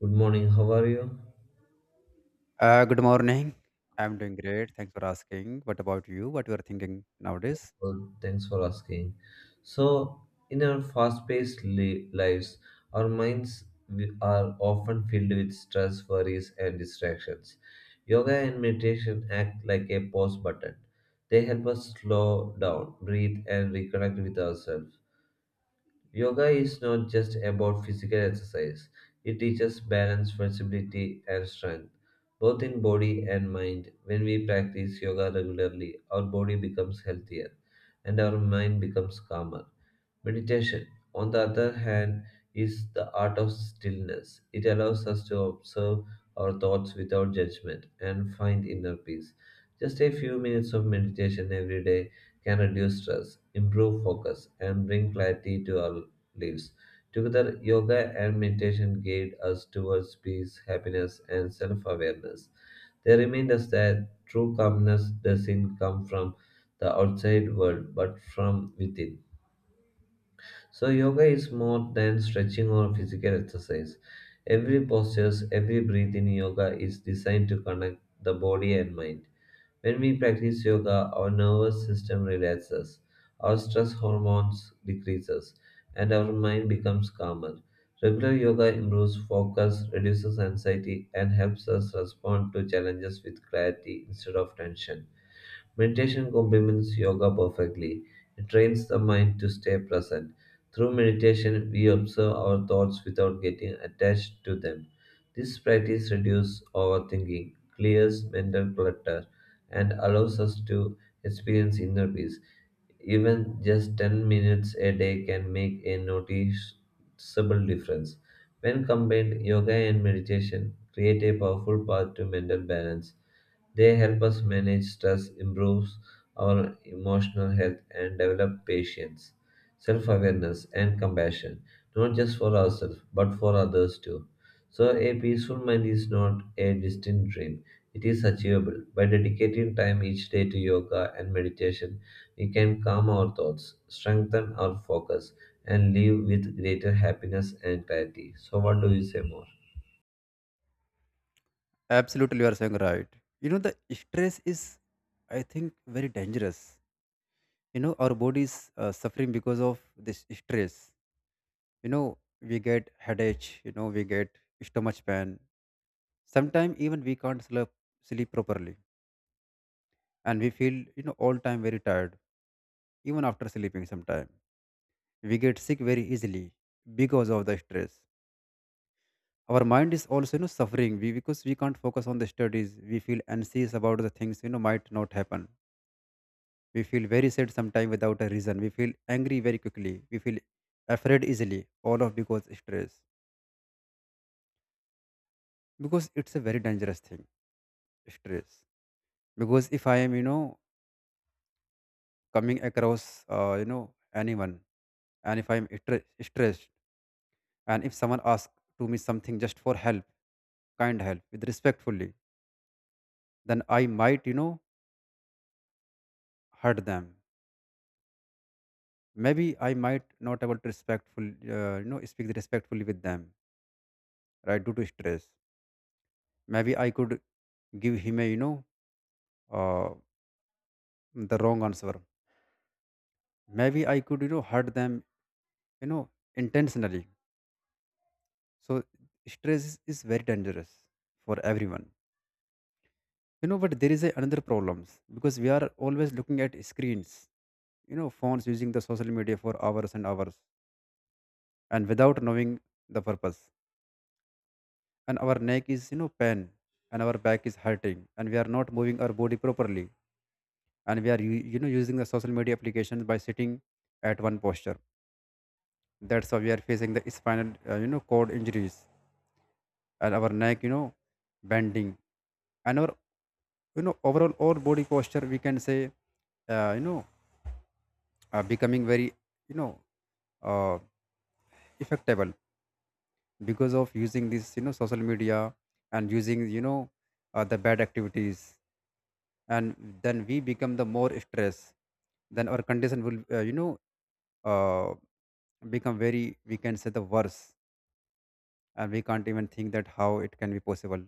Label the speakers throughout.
Speaker 1: Good morning. How are you?
Speaker 2: Good morning. I'm doing great. Thanks for asking. What about you? What you are thinking nowadays?
Speaker 1: Well, thanks for asking. So, in our fast-paced lives, our minds are often filled with stress, worries, and distractions. Yoga and meditation act like a pause button. They help us slow down, breathe, and reconnect with ourselves. Yoga is not just about physical exercise, it teaches balance, flexibility, and strength, both in body and mind. When we practice yoga regularly, our body becomes healthier and our mind becomes calmer. Meditation, on the other hand, is the art of stillness. It allows us to observe our thoughts without judgment and find inner peace. Just a few minutes of meditation every day can reduce stress, improve focus, and bring clarity to our lives. Together, yoga and meditation guide us towards peace, happiness, and self awareness. They remind us that true calmness doesn't come from the outside world but from within. So, yoga is more than stretching or physical exercise. Every posture, every breath in yoga is designed to connect the body and mind. When we practice yoga, our nervous system relaxes, our stress hormones decreases, and our mind becomes calmer. Regular yoga improves focus, reduces anxiety, and helps us respond to challenges with clarity instead of tension. Meditation complements yoga perfectly. It trains the mind to stay present. Through meditation, we observe our thoughts without getting attached to them. This practice reduces overthinking, clears mental clutter, and allows us to experience inner peace. Even just 10 minutes a day can make a noticeable difference. When combined, yoga and meditation create a powerful path to mental balance they help us manage stress, improve our emotional health, and develop patience, self awareness, and compassion, not just for ourselves, but for others too. So, a peaceful mind is not a distant dream, it is achievable. By dedicating time each day to yoga and meditation, we can calm our thoughts, strengthen our focus, and live with greater happiness and clarity. So, what do you say more?
Speaker 2: Absolutely, you are saying right. You know, the stress is, I think, very dangerous. You know, our body is suffering because of this stress. You know, we get headache. You know, we get stomach pain. Sometimes even we can't sleep properly, and we feel all time very tired, even after sleeping. Sometimes we get sick very easily because of the stress, our mind is also suffering we because we can't focus on the studies. We feel anxious about the things might not happen. We feel very sad sometimes without a reason. We feel angry very quickly. We feel afraid easily, all of because stress, because it's a very dangerous thing, stress. Because if I am coming across uh, you know anyone, and if stressed, and if someone asks to me something just for help, kind help with respectfully, then I might hurt them. Maybe I might not able to respectful, speak respectfully with them, right, due to stress. Maybe I could give him a uh, the wrong answer. Maybe I could hurt them, you know intentionally. So stress is very dangerous for everyone. You know, but there is another problems because we are always looking at screens, phones, using the social media for hours and hours, and without knowing the purpose. And our neck is pain, and our back is hurting, and we are not moving our body properly. And we are using the social media applications by sitting at one posture. That's why we are facing the spinal cord injuries, and our neck bending, and our, overall our body posture, we can say, uh, you know becoming very, you know uh, effectable, because of using this social media, and using the bad activities. And then we become the more stress, then our condition will uh, become very, we can say, the worse. And we can't even think that how it can be possible,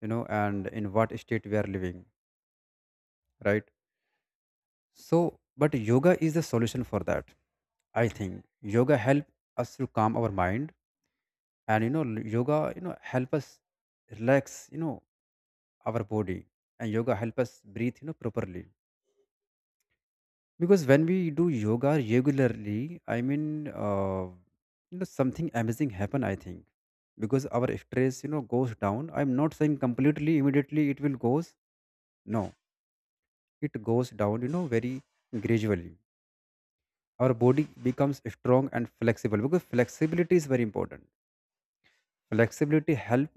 Speaker 2: you know, and in what state we are living, right? So but yoga is the solution for that. I think yoga help us to calm our mind, and yoga help us relax, our body, and yoga help us breathe, properly. Because when we do yoga regularly, I mean, something amazing happen, I think, because our stress, you know, goes down. I'm not saying completely immediately it will goes. No, it goes down, you know, very gradually. Our body becomes strong and flexible, because flexibility is very important. Flexibility help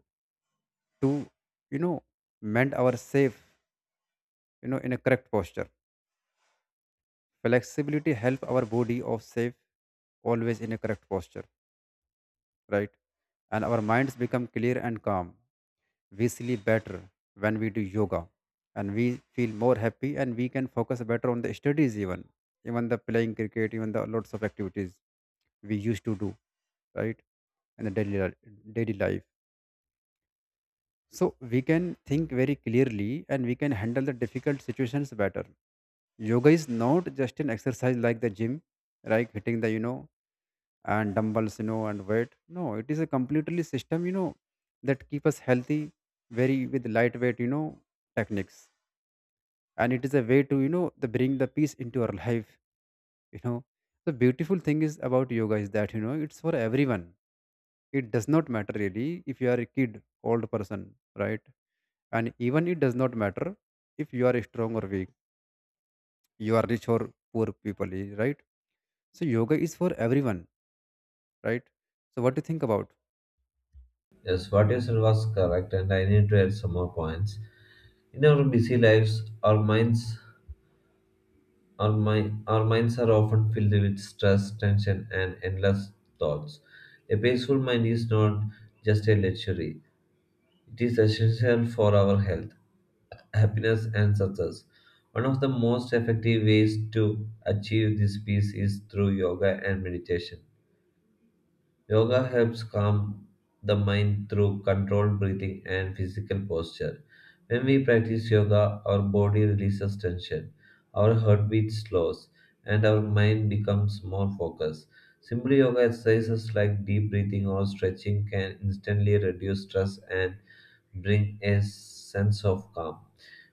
Speaker 2: to, you know, mend our safe, you know, in a correct posture. Flexibility help our body of safe always in a correct posture, right? And our minds become clear and calm. We sleep better when we do yoga, and we feel more happy, and we can focus better on the studies, even even the playing cricket, even the lots of activities we used to do, right, in the daily life. So we can think very clearly, and we can handle the difficult situations better. Yoga is not just an exercise like the gym, like hitting the, and dumbbells, and weight. No, it is a completely system, that keep us healthy, very with lightweight, techniques, and it is a way to, the bring the peace into our life, you know. The beautiful thing is about yoga is that, you know, it's for everyone. It does not matter really if you are a kid, old person, right? And even it does not matter if you are strong or weak, you are rich or poor people, right? So yoga is for everyone, right? So what do you think about?
Speaker 1: Yes, what you said was correct, and I need to add some more points. In our busy lives, our minds are often filled with stress, tension, and endless thoughts. A peaceful mind is not just a luxury, it is essential for our health, happiness, and success. One of the most effective ways to achieve this peace is through yoga and meditation. Yoga helps calm the mind through controlled breathing and physical posture. When we practice yoga, our body releases tension, our heartbeat slows, and our mind becomes more focused. Simple yoga exercises like deep breathing or stretching can instantly reduce stress and bring a sense of calm.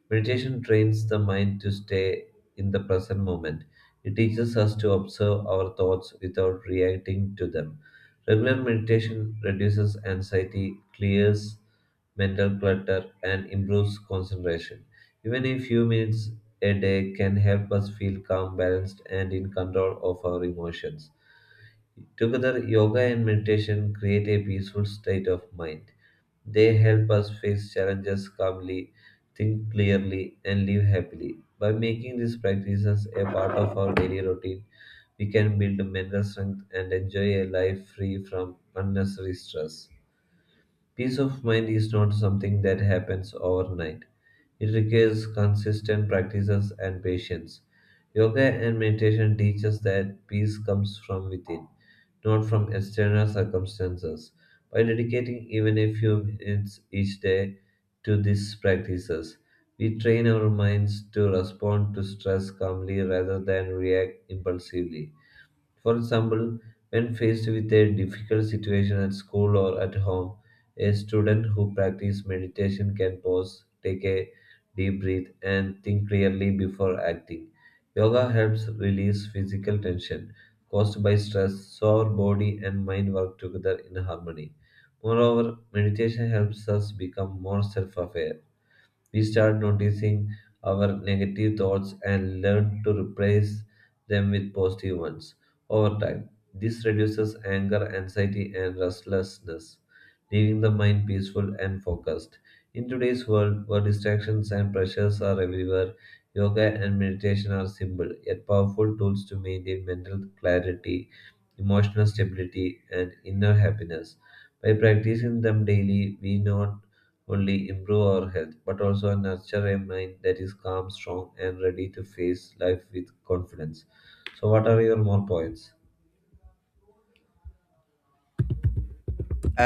Speaker 1: Meditation trains the mind to stay in the present moment. It teaches us to observe our thoughts without reacting to them. Regular meditation reduces anxiety, clears mental clutter, and improves concentration. Even a few minutes a day can help us feel calm, balanced, and in control of our emotions. Together, yoga and meditation create a peaceful state of mind. They help us face challenges calmly, think clearly, and live happily. By making these practices a part of our daily routine, we can build mental strength and enjoy a life free from unnecessary stress. Peace of mind is not something that happens overnight. It requires consistent practices and patience. Yoga and meditation teach us that peace comes from within, not from external circumstances. By dedicating even a few minutes each day to these practices, we train our minds to respond to stress calmly rather than react impulsively. For example, when faced with a difficult situation at school or at home, a student who practices meditation can pause, take a deep breath, and think clearly before acting. Yoga helps release physical tension caused by stress, so our body and mind work together in harmony. Moreover, meditation helps us become more self aware we start noticing our negative thoughts and learn to replace them with positive ones. Over time, this reduces anger, anxiety, and restlessness, leaving the mind peaceful and focused. In today's world, where distractions and pressures are everywhere, yoga and meditation are simple yet powerful tools to maintain mental clarity, emotional stability, and inner happiness. By practicing them daily, we not only improve our health, but also nurture a mind that is calm, strong, and ready to face life with confidence. So, what are your more points?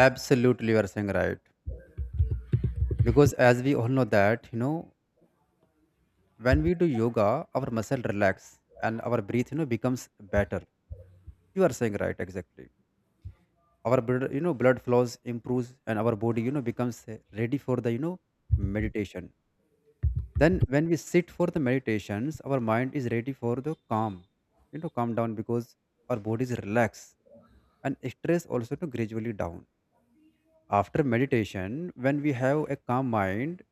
Speaker 2: Absolutely, you are saying right, because as we all know that, you know, when we do yoga, our muscle relax, and our breath becomes better. You are saying right, exactly. Our blood, blood flows improves, and our body, you know, becomes ready for the, meditation. Then when we sit for the meditations, our mind is ready for the calm, you know, calm down, because our body is relaxed, and stress also to gradually down. After meditation, when we have a calm mind,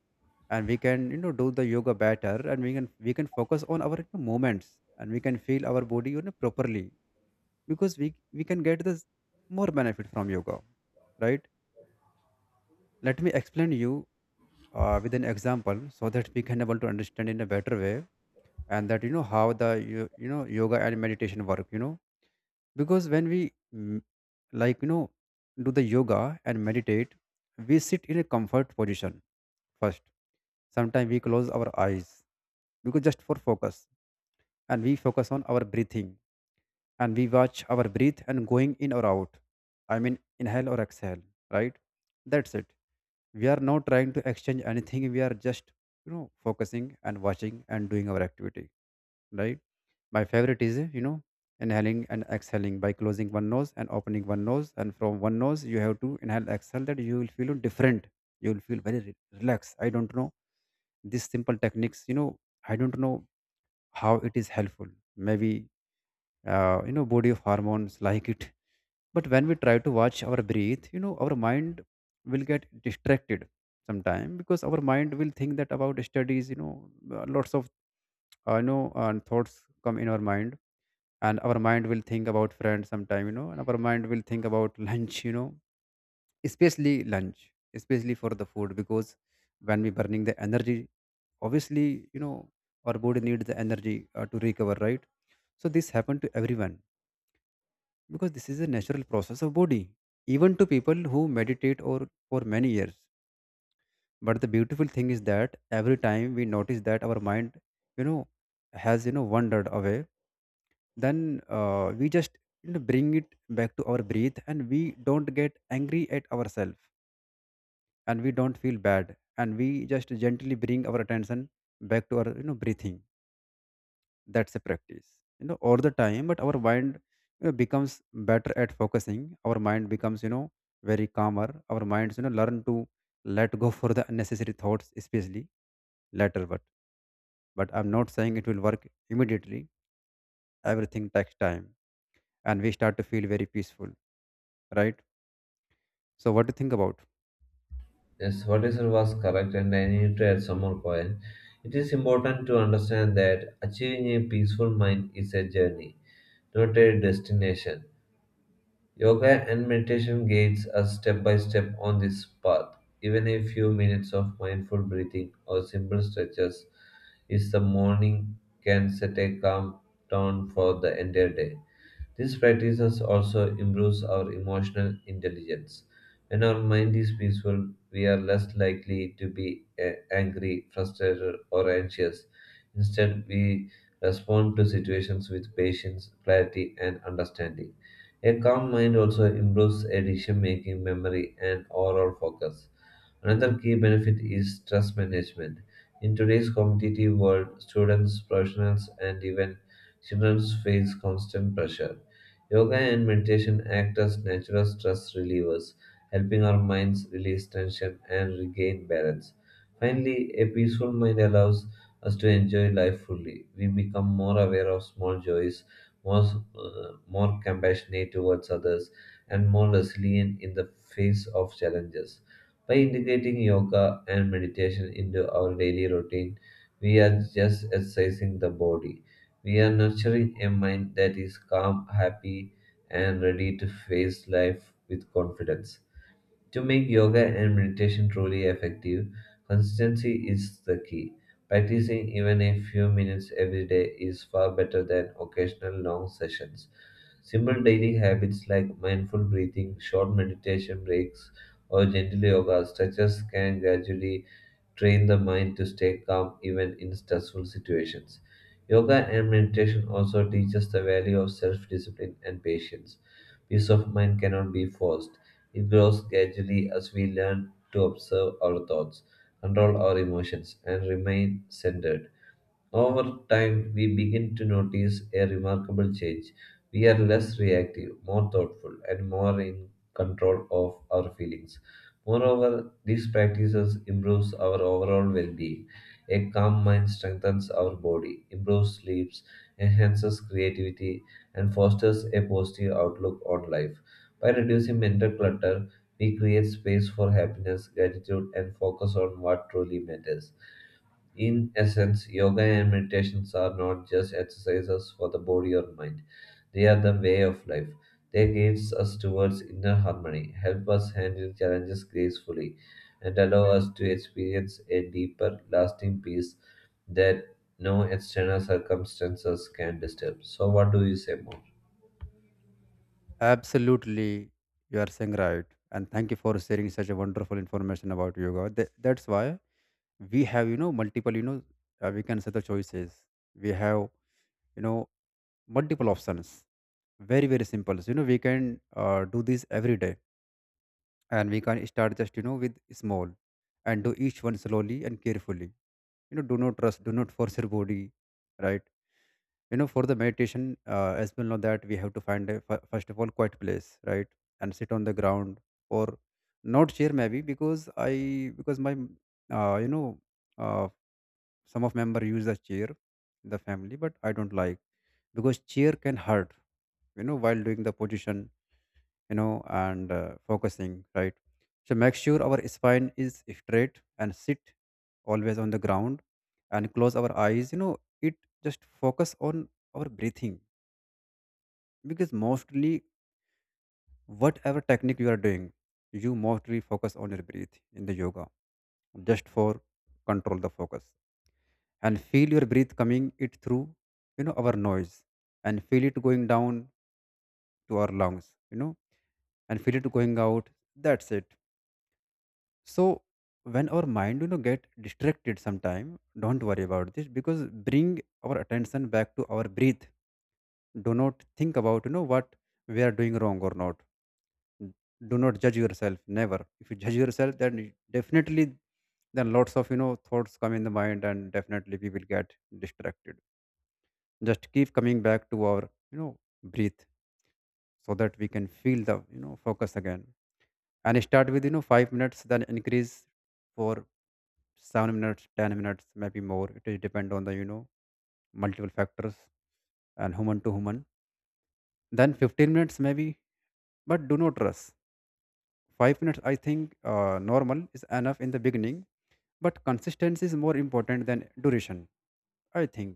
Speaker 2: and we can, do the yoga better, and we can focus on our, you know, movements, and we can feel our body, properly, because we can get this more benefit from yoga, right? Let me explain you, with an example so that we can able to understand in a better way, and that, you know, how the you know yoga and meditation work, you know. Because when we like, you know, do the yoga and meditate, we sit in a comfort position first. Sometimes we close our eyes, because just for focus, and we focus on our breathing, and we watch our breath and going in or out, I mean inhale or exhale, right? That's it. We are not trying to exchange anything. We are just, focusing and watching and doing our activity, right? My favorite is, you know, inhaling and exhaling by closing one nose and opening one nose. And from one nose, you have to inhale, exhale, that you will feel different. You will feel very relaxed. I don't know. These simple techniques, you know, I don't know how it is helpful. Maybe, body of hormones like it. But when we try to watch our breathe, you know, our mind will get distracted sometime, because our mind will think that about studies, you know, lots of, thoughts come in our mind, and our mind will think about friends sometime, you know, and our mind will think about lunch, you know, especially lunch, especially for the food. Because when we burning the energy, obviously, you know, our body needs the energy to recover, right? So this happened to everyone, because this is a natural process of body, even to people who meditate or for many years. But the beautiful thing is that every time we notice that our mind, you know, has, you know, wandered away, then, we just, you know, bring it back to our breath, and we don't get angry at ourselves, and we don't feel bad, and we just gently bring our attention back to our, breathing. That's a practice, you know, all the time. But our mind, you know, becomes better at focusing. Our mind becomes, you know, very calmer. Our minds, you know, learn to let go for the unnecessary thoughts, especially later. But I'm not saying it will work immediately. Everything takes time, and we start to feel very peaceful, right? So, what do you think about?
Speaker 1: Yes, what is said was correct, and I need to add some more point. It is important to understand that achieving a peaceful mind is a journey, not a destination. Yoga and meditation guides us step by step on this path. Even a few minutes of mindful breathing or simple stretches is the morning can set a calm tone for the entire day. These practices also improves our emotional intelligence. When our mind is peaceful, we are less likely to be angry, frustrated, or anxious. Instead, we respond to situations with patience, clarity, and understanding. A calm mind also improves decision making, memory, and overall focus. Another key benefit is stress management. In today's competitive world, students, professionals, and even children face constant pressure. Yoga and meditation act as natural stress relievers, helping our minds release tension and regain balance. Finally, a peaceful mind allows us to enjoy life fully. We become more aware of small joys, more, more compassionate towards others, and more resilient in the face of challenges. By integrating yoga and meditation into our daily routine, we are just exercising the body. We are nurturing a mind that is calm, happy, and ready to face life with confidence. To make yoga and meditation truly effective, consistency is the key. Practicing even a few minutes every day is far better than occasional long sessions. Simple daily habits like mindful breathing, short meditation breaks, or gentle yoga stretches can gradually train the mind to stay calm even in stressful situations. Yoga and meditation also teach us the value of self discipline and patience. Peace of mind cannot be forced it grows gradually as we learn to observe our thoughts, control our emotions, and remain centered. Over time, we begin to notice a remarkable change. We are less reactive, more thoughtful, and more in control of our feelings. Moreover, these practices improves our overall well-being. A calm mind strengthens our body, improves sleeps, enhances creativity, and fosters a positive outlook on life. By reducing mental clutter, we create space for happiness, gratitude, and focus on what truly matters. In essence, yoga and meditations are not just exercises for the body or mind, they are the way of life. They guide us towards inner harmony, help us handle challenges gracefully, and allow us to experience a deeper, lasting peace that no external circumstances can disturb. So, what do you say more?
Speaker 2: Absolutely, you are saying right, and thank you for sharing such a wonderful information about yoga. That's why we have, you know, multiple, you know, we can say the choices. We have, you know, multiple options. Very very simple. So, you know, we can do this every day, and we can start just, you know, with small, and do each one slowly and carefully. You know, do not trust, do not force your body, right? For the meditation, as well, know that we have to find a first of all quiet place, right? And sit on the ground or not chair maybe, because I because my you know uh, some of member use the chair in the family, but I don't like, because chair can hurt, you know, while doing the position, you know and focusing, right? So make sure our spine is straight and sit always on the ground and close our eyes, you know it Just focus on our breathing, because mostly whatever technique you are doing, you mostly focus on your breath in the yoga, just for control the focus, and feel your breath coming it through, you know, our noise, and feel it going down to our lungs, you know, and feel it going out. That's it. So when our mind, you know, get distracted sometime, don't worry about this, because bring our attention back to our breath. Do not think about what we are doing wrong or not. N- do not judge yourself, never. If you judge yourself, then definitely then lots of, you know, thoughts come in the mind, and definitely we will get distracted. Just keep coming back to our, you know breathe, so that we can feel the, you know, focus again. And start with, you know, five minutes, then increase for seven minutes, ten minutes, maybe more. It will depend on the, you know, multiple factors, and human to human. Then fifteen minutes maybe, but do not rush. five minutes, I think, normal is enough in the beginning. But consistency is more important than duration, I think.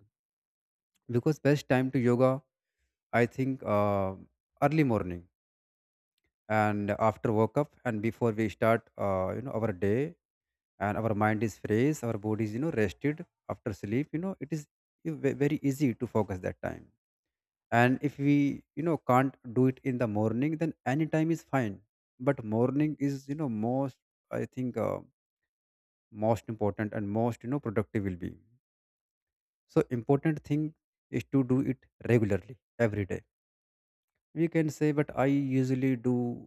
Speaker 2: Because best time to yoga, I think, early morning and after wake up and before we start our day, and our mind is fresh, our body is, you know, rested after sleep, you know, it is very easy to focus that time. And if we, you know, can't do it in the morning, then any time is fine. But morning is, you know, most, I think, most important and most, you know, productive will be. So important thing is to do it regularly every day, we can say. But I usually do,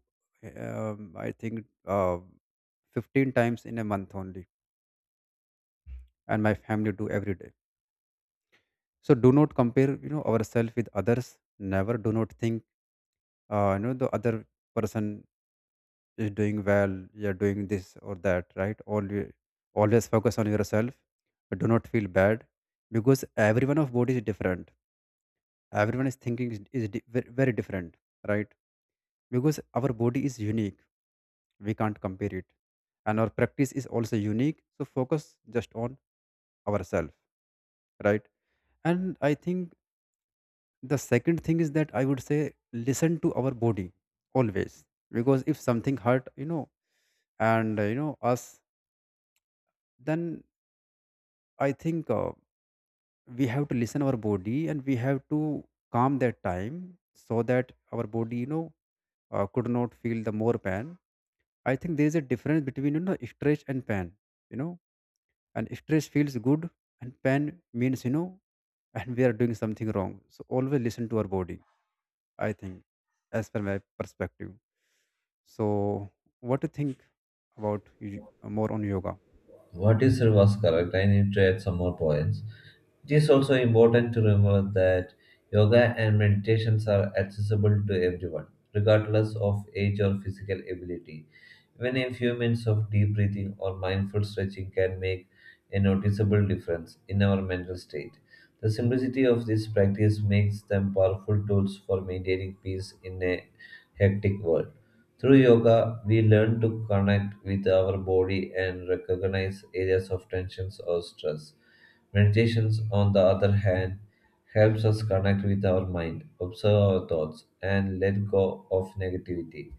Speaker 2: I think, fifteen times in a month only, and my family do every day. So do not compare, you know, ourselves with others, never. Do not think, the other person is doing well, you're doing this or that, right? Always, always focus on yourself. But do not feel bad, because everyone of body is different. Everyone is thinking is very different, right? Because our body is unique, we can't compare it, and our practice is also unique. So focus just on ourselves, right? And I think the second thing is that I would say, listen to our body always. Because if something hurt, you know, and, us, then I think, we have to listen our body, and we have to calm that time, so that our body, you know, could not feel the more pain. I think there is a difference between, you know, stretch and pain, you know, and stress feels good, and pain means, you know, and we are doing something wrong. So always listen to our body, I think, as per my perspective. So what do you think about more on yoga?
Speaker 1: What you said was correct. I need to add some more points. It is also important to remember that yoga and meditations are accessible to everyone, regardless of age or physical ability. Even a few minutes of deep breathing or mindful stretching can make a noticeable difference in our mental state. The simplicity of this practice makes them powerful tools for maintaining peace in a hectic world. Through yoga, we learn to connect with our body and recognize areas of tensions or stress. Meditations, on the other hand, helps us connect with our mind, observe our thoughts, and let go of negativity.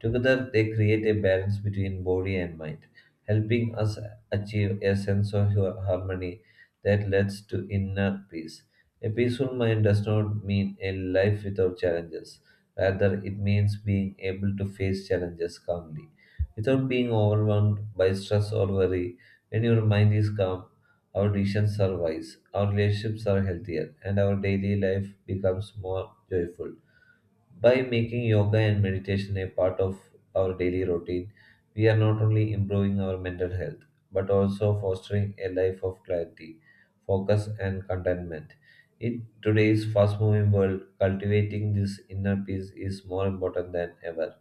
Speaker 1: Together, they create a balance between body and mind, helping us achieve a sense of harmony that leads to inner peace. A peaceful mind does not mean a life without challenges. Rather, it means being able to face challenges calmly without being overwhelmed by stress or worry. When your mind is calm, our decisions are wise, our relationships are healthier, and our daily life becomes more joyful. By making yoga and meditation a part of our daily routine, we are not only improving our mental health, but also fostering a life of clarity, focus, and contentment. In today's fast moving world, cultivating this inner peace is more important than ever,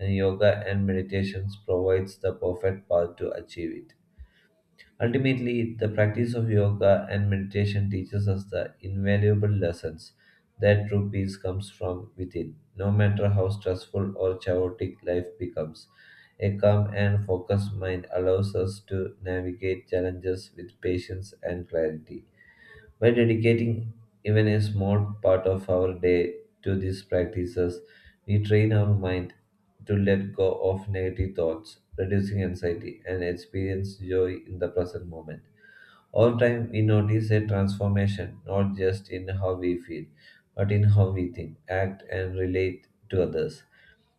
Speaker 1: and yoga and meditations provides the perfect path to achieve it. Ultimately, the practice of yoga and meditation teaches us the invaluable lessons that true peace comes from within. No matter how stressful or chaotic life becomes, a calm and focused mind allows us to navigate challenges with patience and clarity. By dedicating even a small part of our day to these practices, we train our mind to let go of negative thoughts, reducing anxiety, and experience joy in the present moment. Over time, we notice a transformation not just in how we feel, but in how we think, act, and relate to others.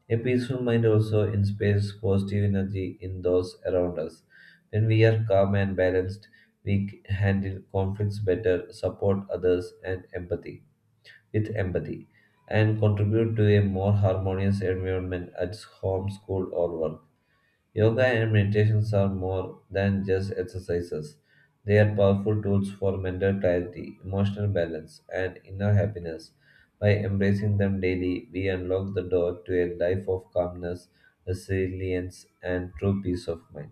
Speaker 1: A peaceful mind also inspires positive energy in those around us. When we are calm and balanced, we handle conflicts better, support others, and empathy with empathy, and contribute to a more harmonious environment at home, school, or work. Yoga and meditations are more than just exercises. They are powerful tools for mental clarity, emotional balance, and inner happiness. By embracing them daily, we unlock the door to a life of calmness, resilience, and true peace of mind.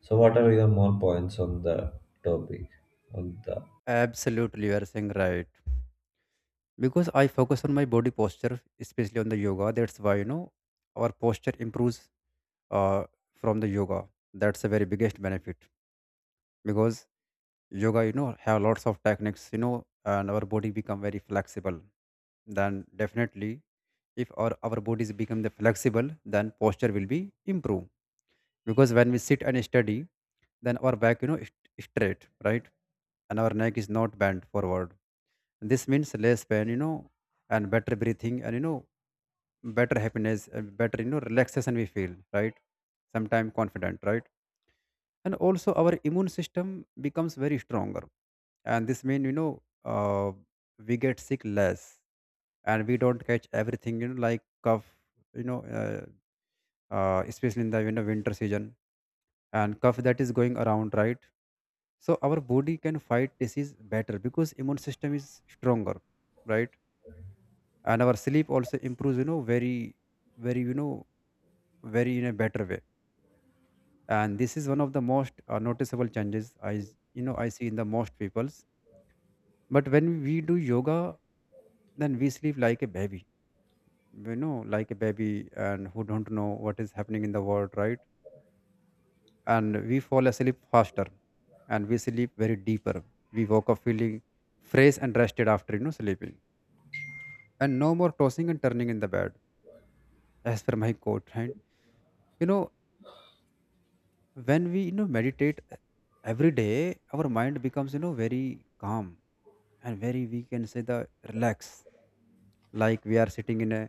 Speaker 1: So, what are your more points on the topic? On the
Speaker 2: Absolutely, you are saying right, because I focus on my body posture, especially on the yoga. That's why, you know, our posture improves uh, from the yoga. That's the very biggest benefit, because yoga, you know, have lots of techniques, you know, and our body become very flexible. Then definitely, if our bodies become the flexible, then posture will be improved. Because when we sit and study, then our back, you know, is straight, right? And our neck is not bent forward. This means less pain, you know, and better breathing, and, you know, better happiness, and better, you know, relaxation we feel, right? Sometime confident, right? And also our immune system becomes very stronger, and this means, you know, we get sick less, and we don't catch everything, you know, like cough, you know uh, especially in the, you know, winter season, and cough that is going around, right? So our body can fight disease better, because immune system is stronger, right? And our sleep also improves, you know, very, very, you know, very in a better way. And this is one of the most noticeable changes I you know I see in the most people. But when we do yoga, then we sleep like a baby, you know, like a baby, and who don't know what is happening in the world, right? And we fall asleep faster, and we sleep very deeper. We woke up feeling fresh and rested after, you know, sleeping, and no more tossing and turning in the bed. As per my quote, right? You know, when we, meditate, every day, our mind becomes, you know, very calm, and very, we can say, the relax, like we are sitting in a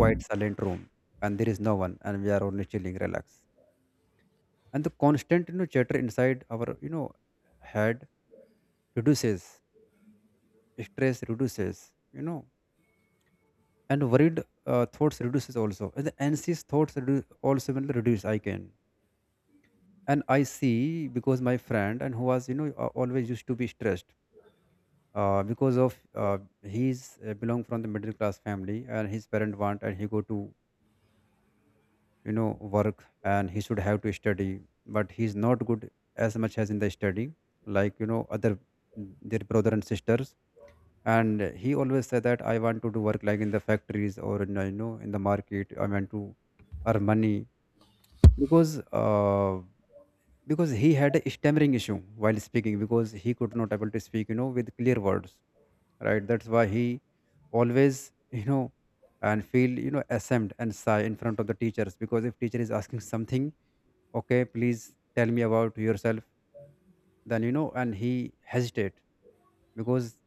Speaker 2: quiet silent room, and there is no one, and we are only chilling relax. And the constant, you know, chatter inside our, you know, head reduces, stress reduces, you know, and worried thoughts reduces also, and the anxious thoughts also will reduce, I can. And I see, because my friend, and who was, you know, always used to be stressed, because of he's, belong from the middle class family, and his parent want and he go to, you know, work, and he should have to study, but he's not good as much as in the study, like, you know, other, their brother and sisters. And he always said that I want to do work like in the factories or in, you know, in the market, I want to earn money, because, uh, because he had a stammering issue while speaking, because he could not able to speak, you know, with clear words, right? That's why he always you know, and feel, you know, ashamed and shy in front of the teachers. Because if teacher is asking something, okay, please tell me about yourself, then, you know, and he hesitate, because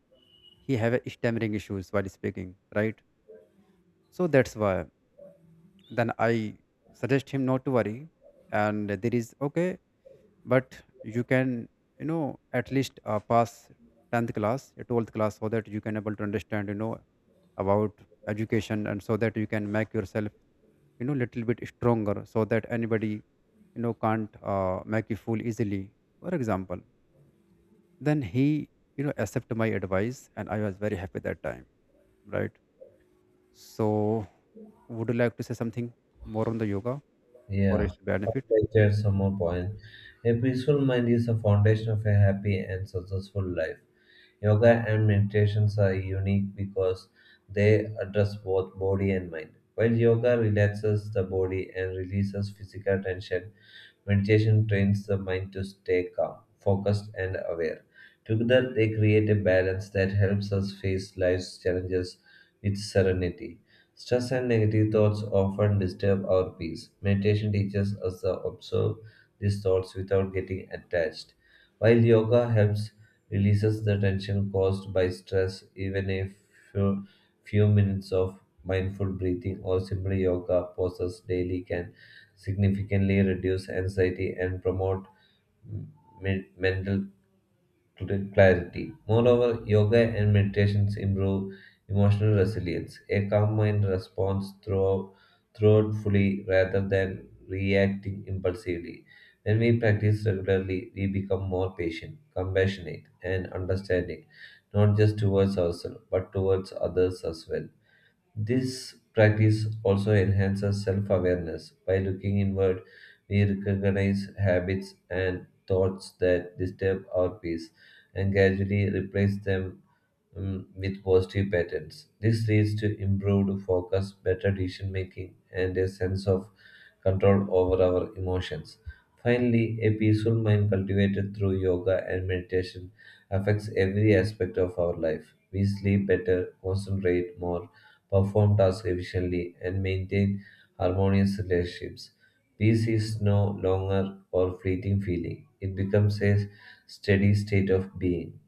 Speaker 2: he have a stammering issues while speaking, right? So that's why then I suggest him not to worry, and there is okay, but you can, you know, at least pass 10th class, 12th class, so that you can able to understand, you know, about education, and so that you can make yourself, you know, little bit stronger, so that anybody, you know, can't make you fool easily, for example. Then he, you know, accepted my advice, and I was very happy that time, right? So would you like to say something more on the yoga or
Speaker 1: Yeah,
Speaker 2: its benefit?
Speaker 1: there's some more point. A peaceful mind is the foundation of a happy and successful life. Yoga and meditations are unique because they address both body and mind. While yoga relaxes the body and releases physical tension, meditation trains the mind to stay calm, focused, and aware. Together, they create a balance that helps us face life's challenges with serenity. Stress and negative thoughts often disturb our peace. Meditation teaches us to observe these thoughts without getting attached, while yoga helps releases the tension caused by stress. Even a few, few minutes of mindful breathing or simple yoga poses daily can significantly reduce anxiety and promote mm, mental clarity. Moreover, yoga and meditations improve emotional resilience. A calm mind responds through, thoughtfully rather than reacting impulsively. When we practice regularly, we become more patient, compassionate, and understanding, not just towards ourselves, but towards others as well. This practice also enhances self awareness. By looking inward, we recognize habits and thoughts that disturb our peace and gradually replace them with positive patterns. This leads to improved focus, better decision making, and a sense of control over our emotions. Finally, a peaceful mind cultivated through yoga and meditation affects every aspect of our life. We sleep better, concentrate more, perform tasks efficiently, and maintain harmonious relationships. Peace is no longer a fleeting feeling, it becomes a steady state of being.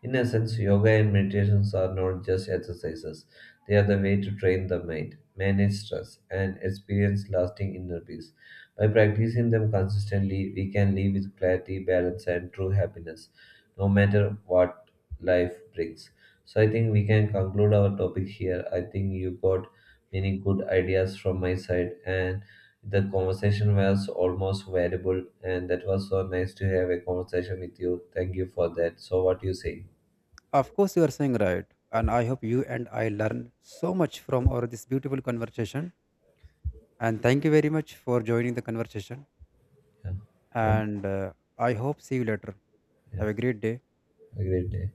Speaker 1: In essence, yoga and meditations are not just exercises, they are the way to train the mind, manage stress, and experience lasting inner peace. By practicing them consistently, we can live with clarity, balance, and true happiness, no matter what life brings. So, I think we can conclude our topic here. I think you got many good ideas from my side, and the conversation was almost valuable, and that was so nice to have a conversation with you. Thank you for that. So, what do you say?
Speaker 2: Of course, you are saying right, and I hope you and I learned so much from our this beautiful conversation, and thank you very much for joining the conversation.
Speaker 1: Yeah. Well,
Speaker 2: And I hope see you later.
Speaker 1: yeah.
Speaker 2: Have a great day.
Speaker 1: A great day.